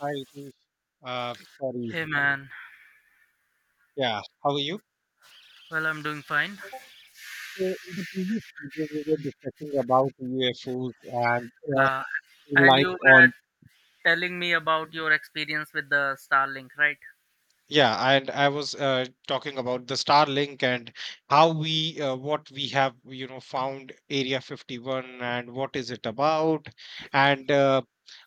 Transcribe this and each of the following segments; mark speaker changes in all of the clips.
Speaker 1: Hi, Ritesh. Uh, sorry.
Speaker 2: Hey man,
Speaker 1: Yeah, how are you?
Speaker 2: well I'm doing fine.
Speaker 1: So in the previous video, we were discussing about UFOs and
Speaker 2: Uh, and you
Speaker 1: life
Speaker 2: were
Speaker 1: on.
Speaker 2: telling me about your experience with the Starlink, right?
Speaker 1: Yeah, and I was talking about the Starlink, and what we have, you know, found Area 51, and what is it about, and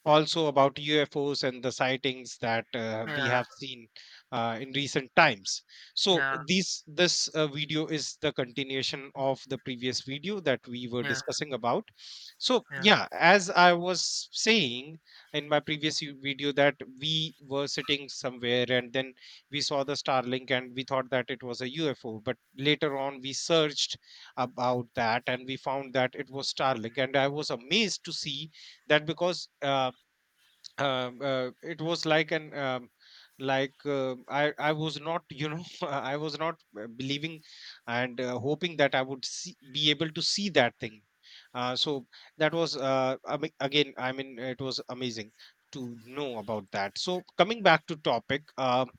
Speaker 1: also about UFOs and the sightings that we
Speaker 2: Yeah,
Speaker 1: have seen in recent times. So
Speaker 2: yeah,
Speaker 1: this video is the continuation of the previous video that we were
Speaker 2: yeah,
Speaker 1: discussing about. So
Speaker 2: yeah,
Speaker 1: yeah, as I was saying in my previous video, that we were sitting somewhere, and then we saw the Starlink and we thought that it was a UFO, but later on we searched about that and we found that it was Starlink, and I was amazed to see that because it was like an like I was not, you know, I was not believing and hoping that I would see, be able to see that thing. So that was I mean, again I mean it was amazing to know about that. So coming back to topic,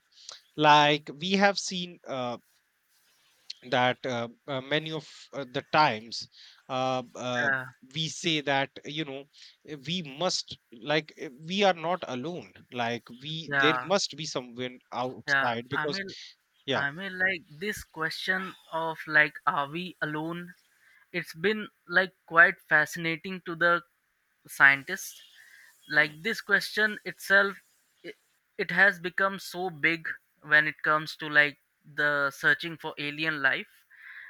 Speaker 1: like we have seen that many of the times uh, uh,
Speaker 2: yeah,
Speaker 1: we say that, you know, we must, like, we are not alone, like we there
Speaker 2: yeah,
Speaker 1: must be someone
Speaker 2: yeah.
Speaker 1: outside
Speaker 2: I
Speaker 1: because.
Speaker 2: mean,
Speaker 1: Yeah.
Speaker 2: I mean, like this question of like, are we alone? It's been like quite fascinating to the scientists, like
Speaker 1: Mm,
Speaker 2: this question itself, it, it has become so big when it comes to like the searching for alien life,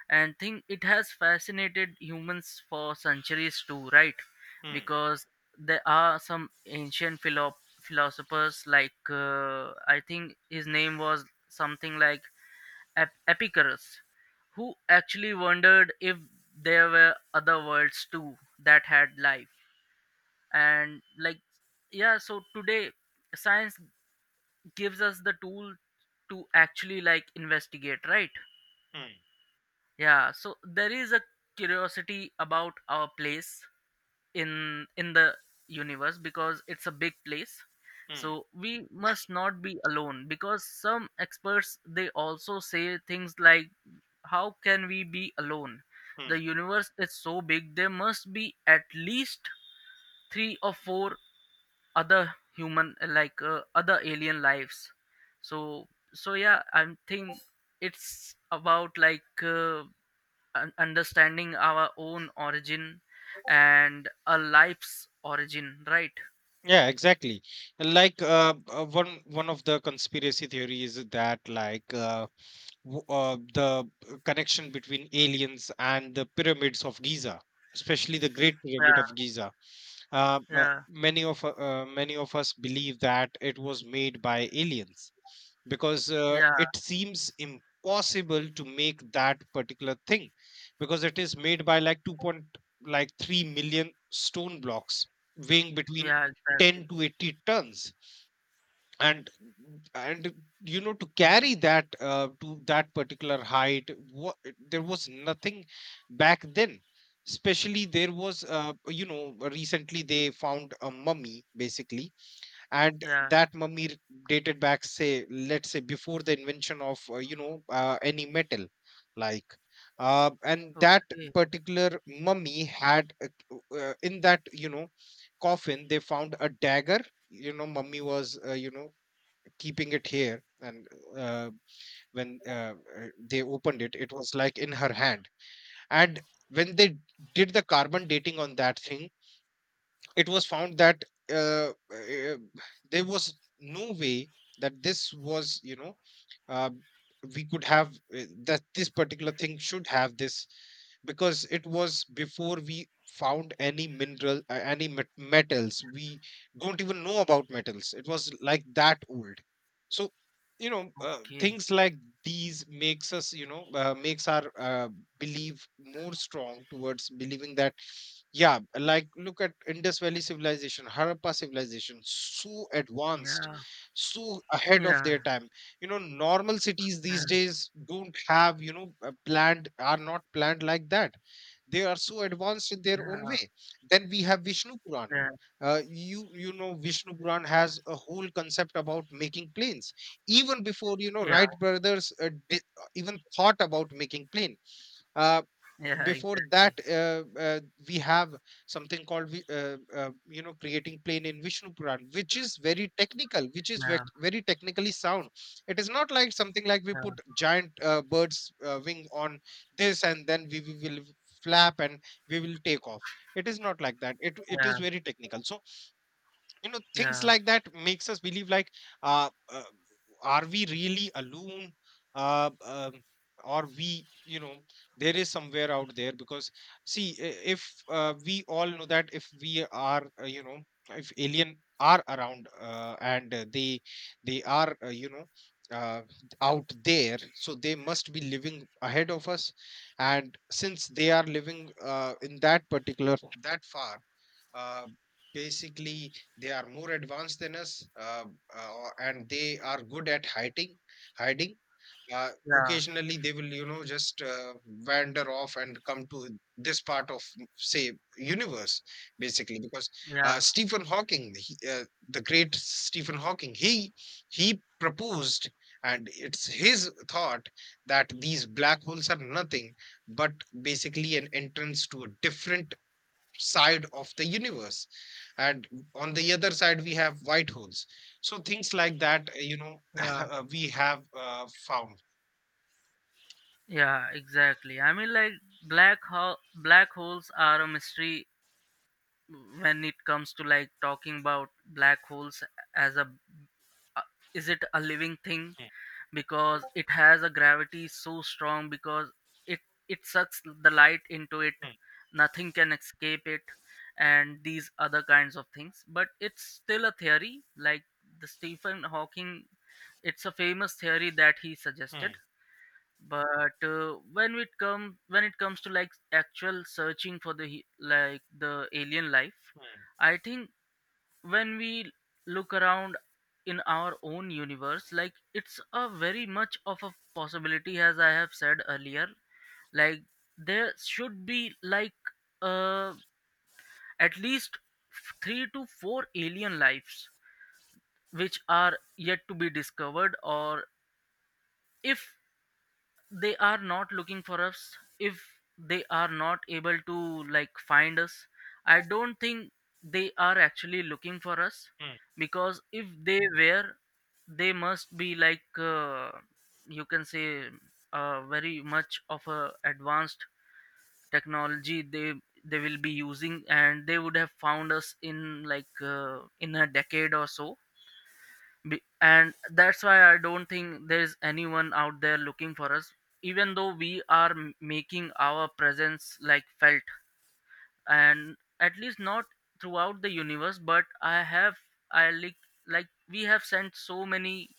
Speaker 2: and think it has fascinated humans for centuries too, right?
Speaker 1: mm,
Speaker 2: Because there are some ancient philosophers. Like I think his name was something like epicurus, who actually wondered if there were other worlds too that had life. And like, yeah, so today science gives us the tool to actually like investigate, right?
Speaker 1: mm,
Speaker 2: Yeah, so there is a curiosity about our place in the universe because it's a big place.
Speaker 1: mm,
Speaker 2: So we must not be alone because some experts, they also say things like, how can we be alone? The
Speaker 1: mm.
Speaker 2: universe is so big, there must be at least three or four other human, like other alien lives. So so, yeah, I'm think it's about like understanding our own origin and a life's origin, right?
Speaker 1: Yeah, exactly, like one of the conspiracy theories is that, like, the connection between aliens and the pyramids of Giza, especially the Great Pyramid
Speaker 2: Yeah,
Speaker 1: of Giza. Uh, uh,
Speaker 2: yeah,
Speaker 1: many of u- uh, many of us believe that it was made by aliens, because
Speaker 2: yeah,
Speaker 1: it seems impossible to make that particular thing, because it is made by like 2 point, like 3 million stone blocks, weighing between
Speaker 2: yeah, exactly.
Speaker 1: 10 to 80 tons. And and to carry that to that particular height, what, there was nothing back then. Especially, there was recently they found a mummy, basically, and
Speaker 2: Yeah.
Speaker 1: that mummy, dated back, say, let's say, before the invention of any metal, like, and that
Speaker 2: Okay,
Speaker 1: particular mummy had in that, you know, coffin they found a dagger. You know, mummy was, keeping it here, and uh, when they opened it, it was like in her hand. And when they did the carbon dating on that thing, it was found that uh, uh, there was no way that this was, you know, uh, we could have, that this particular thing should have this, because it was before we found any mineral, any metals. We don't even know about metals, it was like that old. So, you know,
Speaker 2: okay.
Speaker 1: things like these makes us, you know, makes our belief more strong towards believing that. Yeah, like look at Indus Valley civilization, Harappa civilization, so advanced,
Speaker 2: Yeah,
Speaker 1: so ahead of
Speaker 2: yeah,
Speaker 1: their time. You know, normal cities
Speaker 2: yeah,
Speaker 1: these days don't have, you know, planned, are not planned like that. They are so advanced in their own
Speaker 2: yeah,
Speaker 1: way. Then we have Vishnu Puran.
Speaker 2: yeah,
Speaker 1: You know Vishnu Puran has a whole concept about making planes, even before, you know,
Speaker 2: yeah,
Speaker 1: Wright Brothers even thought about making plane. Uh,
Speaker 2: yeah,
Speaker 1: before
Speaker 2: exactly.
Speaker 1: that, we have something called you know, creating plane in Vishnu Puran, which is very technical, which is
Speaker 2: Yeah,
Speaker 1: very technically sound. It is not like something like we
Speaker 2: yeah,
Speaker 1: put giant bird's wing on this, and then we will flap and we will take off. It is not like that. It
Speaker 2: yeah,
Speaker 1: is very technical. So you know, things
Speaker 2: yeah,
Speaker 1: like that makes us believe, like, uh, uh are we really alone? uh, um or we, you know, there is somewhere out there, because see, if we all know that if we are, you know, if alien are around, and they are, you know, uh, out there, so they must be living ahead of us. And since they are living in that particular, that far, uh, basically they are more advanced than us, and they are good at hiding. uh,
Speaker 2: yeah,
Speaker 1: occasionally they will, you know, just wander off and come to this part of, say, universe, basically, because
Speaker 2: yeah,
Speaker 1: Stephen Hawking, the great Stephen Hawking, he proposed, and it's his thought, that these black holes are nothing but basically an entrance to a different side of the universe, and on the other side we have white holes. So things like that, you know,
Speaker 2: yeah.
Speaker 1: we have found.
Speaker 2: Yeah, exactly. I mean, like, black holes are a mystery when it comes to like talking about black holes as a, uh, is it a living thing, because it has a gravity so strong because it it sucks the light into it.
Speaker 1: Mm,
Speaker 2: Nothing can escape it, and these other kinds of things. But it's still a theory, like the Stephen Hawking. It's a famous theory that he suggested.
Speaker 1: mm,
Speaker 2: But when it comes to like actual searching for the like the alien life,
Speaker 1: mm,
Speaker 2: I think when we look around in our own universe, like it's a very much of a possibility, as I have said earlier, like there should be like uh at least three to four alien lives which are yet to be discovered. Or if they are not looking for us, if they are not able to like find us, I don't think they are actually looking for us.
Speaker 1: mm,
Speaker 2: Because if they were, they must be like, you can say, very much of a advanced technology, they will be using, and they would have found us in like in a decade or so. And that's why I don't think there's anyone out there looking for us, even though we are making our presence like felt. And at least not throughout the universe. But I like, we have sent so many,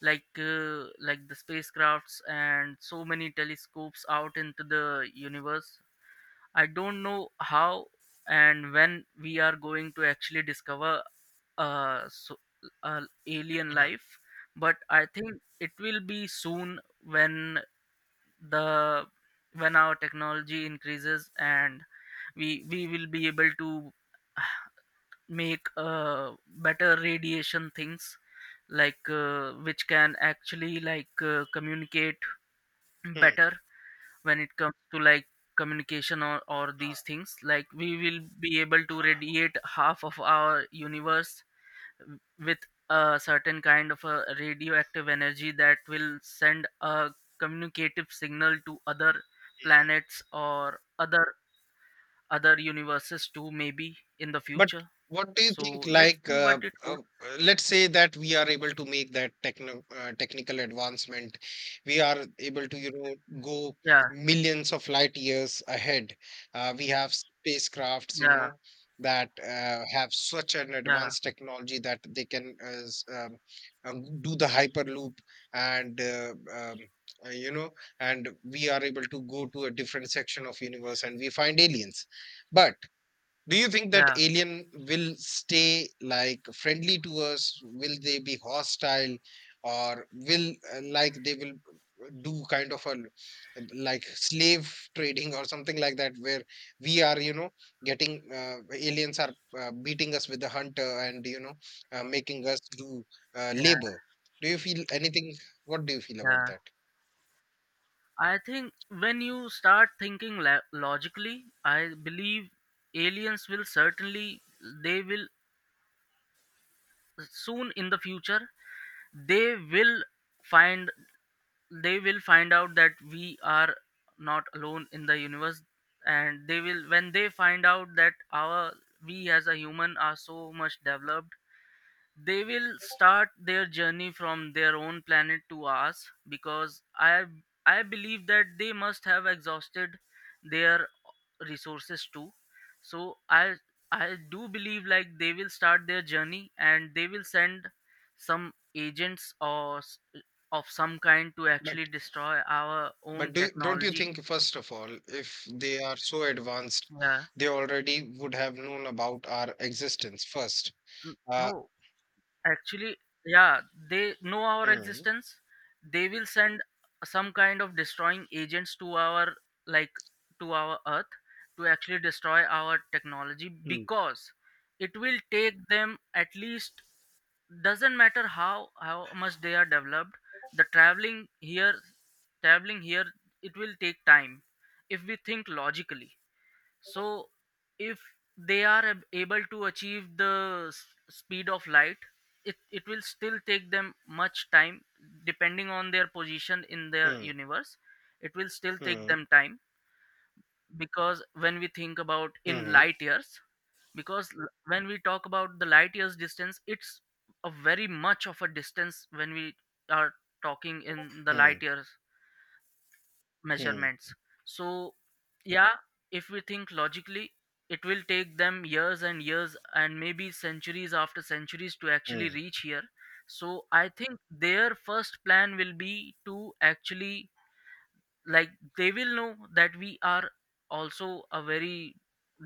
Speaker 2: like the spacecrafts and so many telescopes out into the universe. I don't know how and when we are going to actually discover uh, so, uh alien
Speaker 1: mm,
Speaker 2: life. But I think it will be soon when the when our technology increases and we will be able to make better radiation things, like which can actually like communicate
Speaker 1: mm, mm,
Speaker 2: better when it comes to like communication, or these things. Like we will be able to radiate half of our universe with a certain kind of a radioactive energy that will send a communicative signal to other
Speaker 1: mm.
Speaker 2: planets, or other universes too, maybe in the
Speaker 1: But
Speaker 2: future.
Speaker 1: what do you
Speaker 2: So
Speaker 1: think?
Speaker 2: let's
Speaker 1: Like,
Speaker 2: see what it
Speaker 1: uh,
Speaker 2: holds.
Speaker 1: uh, let's say that we are able to make that techno technical advancement. We are able to, you know, go
Speaker 2: Yeah,
Speaker 1: millions of light years ahead. We have spacecrafts, you
Speaker 2: yeah,
Speaker 1: know, that have such an
Speaker 2: yeah,
Speaker 1: advanced technology that they can uh, do the hyperloop, and you know, and we are able to go to a different section of universe and we find aliens. But do you think that
Speaker 2: yeah,
Speaker 1: alien will stay like friendly to us, will they be hostile, or will, like they will do kind of a, like, slave trading or something like that, where we are, you know, getting, aliens are beating us with the hunter, and, you know, making us do
Speaker 2: yeah,
Speaker 1: labor. Do you feel anything? What do you feel about
Speaker 2: yeah. I think, when you start thinking logically, I believe aliens will certainly, they will, soon in the future, they will find they will find out that we are not alone in the universe. And they will when they find out that our we as a human are so much developed, they will start their journey from their own planet to ours. Because I believe that they must have exhausted their resources too. So I do believe, like, they will start their journey and they will send some agents, or of some kind, to
Speaker 1: that?
Speaker 2: actually destroy our own
Speaker 1: But do, don't you
Speaker 2: technology.
Speaker 1: think, first of all, if they are so advanced,
Speaker 2: Yeah.
Speaker 1: they already would have known about our existence first? Uh,
Speaker 2: No, actually, yeah, they know our
Speaker 1: hmm,
Speaker 2: existence. They will send some kind of destroying agents to our like to our earth, to actually destroy our technology.
Speaker 1: hmm,
Speaker 2: Because it will take them at least, doesn't matter how much they are developed, the traveling here, it will take time. If we think logically, so if they are able to achieve the speed of light, it will still take them much time depending on their position in their
Speaker 1: hmm,
Speaker 2: universe. It will still take
Speaker 1: hmm,
Speaker 2: them time. Because when we think about in
Speaker 1: hmm,
Speaker 2: light years, because when we talk about the light years distance, it's a very much of a distance when we are talking in the
Speaker 1: hmm,
Speaker 2: light years
Speaker 1: hmm,
Speaker 2: measurements. So yeah, if we think logically, it will take them years and years and maybe centuries after centuries to actually
Speaker 1: hmm,
Speaker 2: reach here. So I think their first plan will be to actually, like, they will know that we are also a very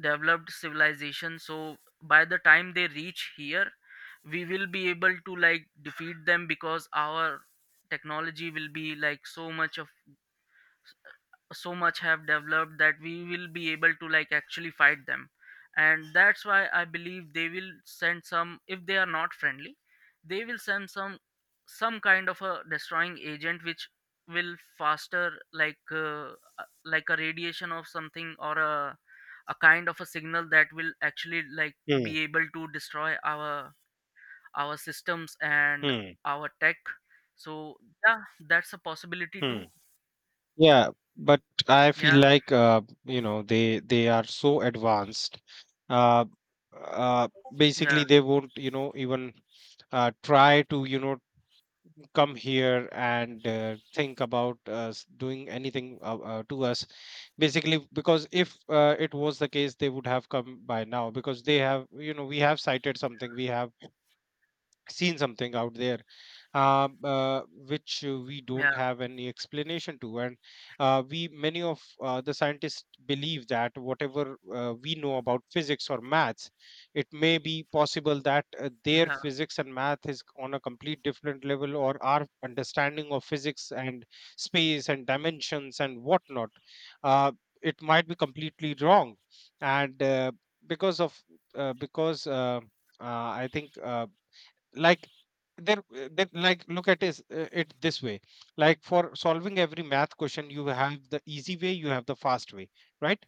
Speaker 2: developed civilization. So by the time they reach here, we will be able to like defeat them, because our technology will be like so much have developed that we will be able to like actually fight them. And that's why I believe they will send some, if they are not friendly, they will send some kind of a destroying agent which will faster, like a radiation of something, or a kind of a signal that will actually like be
Speaker 1: hmm,
Speaker 2: able to destroy our systems and
Speaker 1: hmm,
Speaker 2: our tech. So yeah, that's a possibility too.
Speaker 1: hmm. Yeah, but I feel
Speaker 2: Yeah,
Speaker 1: like, you know, they are so advanced. Uh, uh,
Speaker 2: yeah,
Speaker 1: basically, they won't, you know, even try to, you know, come here and think about us doing anything to us. Basically, because if it was the case they would have come by now, because they have, you know, we have cited something, we have seen something out there, uh, uh, which we don't
Speaker 2: yeah,
Speaker 1: have any explanation to. And we, many of the scientists believe that whatever we know about physics or maths, it may be possible that their
Speaker 2: yeah.
Speaker 1: physics and math is on a complete different level, or our understanding of physics and space and dimensions and whatnot, uh, it might be completely wrong. And because of, because I think, like then, then like look at is it this way, like for solving every math question you have the easy way, you have the fast way, right?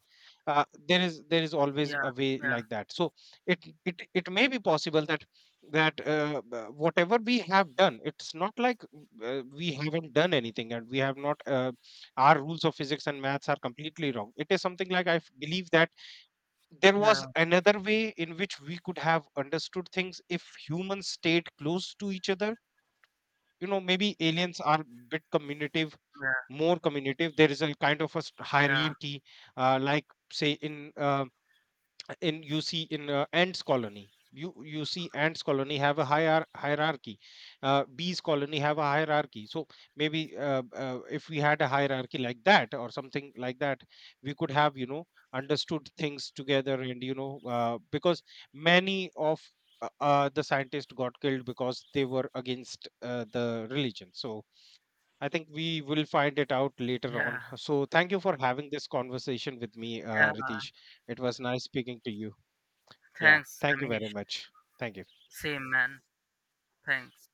Speaker 1: There is always
Speaker 2: Yeah,
Speaker 1: a way
Speaker 2: yeah,
Speaker 1: like that. So it may be possible that, whatever we have done, it's not like we haven't done anything, and we have not, our rules of physics and maths are completely wrong. It is something like I believe that there was
Speaker 2: yeah,
Speaker 1: another way in which we could have understood things if humans stayed close to each other. You know, maybe aliens are, bit communicative,
Speaker 2: yeah,
Speaker 1: more communicative. There is a kind of a
Speaker 2: yeah,
Speaker 1: hierarchy, like, say in in, you see in ants colony, you see ants colony have a higher hierarchy, bees colony have a hierarchy. So maybe if we had a hierarchy like that or something like that, we could have, you know, understood things together, and, you know, because many of the scientists got killed because they were against the religion. So I think we will find it out later on.
Speaker 2: yeah,
Speaker 1: So thank you for having this conversation with me,
Speaker 2: yeah.
Speaker 1: Ritesh. It was nice speaking to you. Yeah.
Speaker 2: Thanks,
Speaker 1: Thank you very
Speaker 2: Amish.
Speaker 1: much. Thank you.
Speaker 2: Same man. Thanks.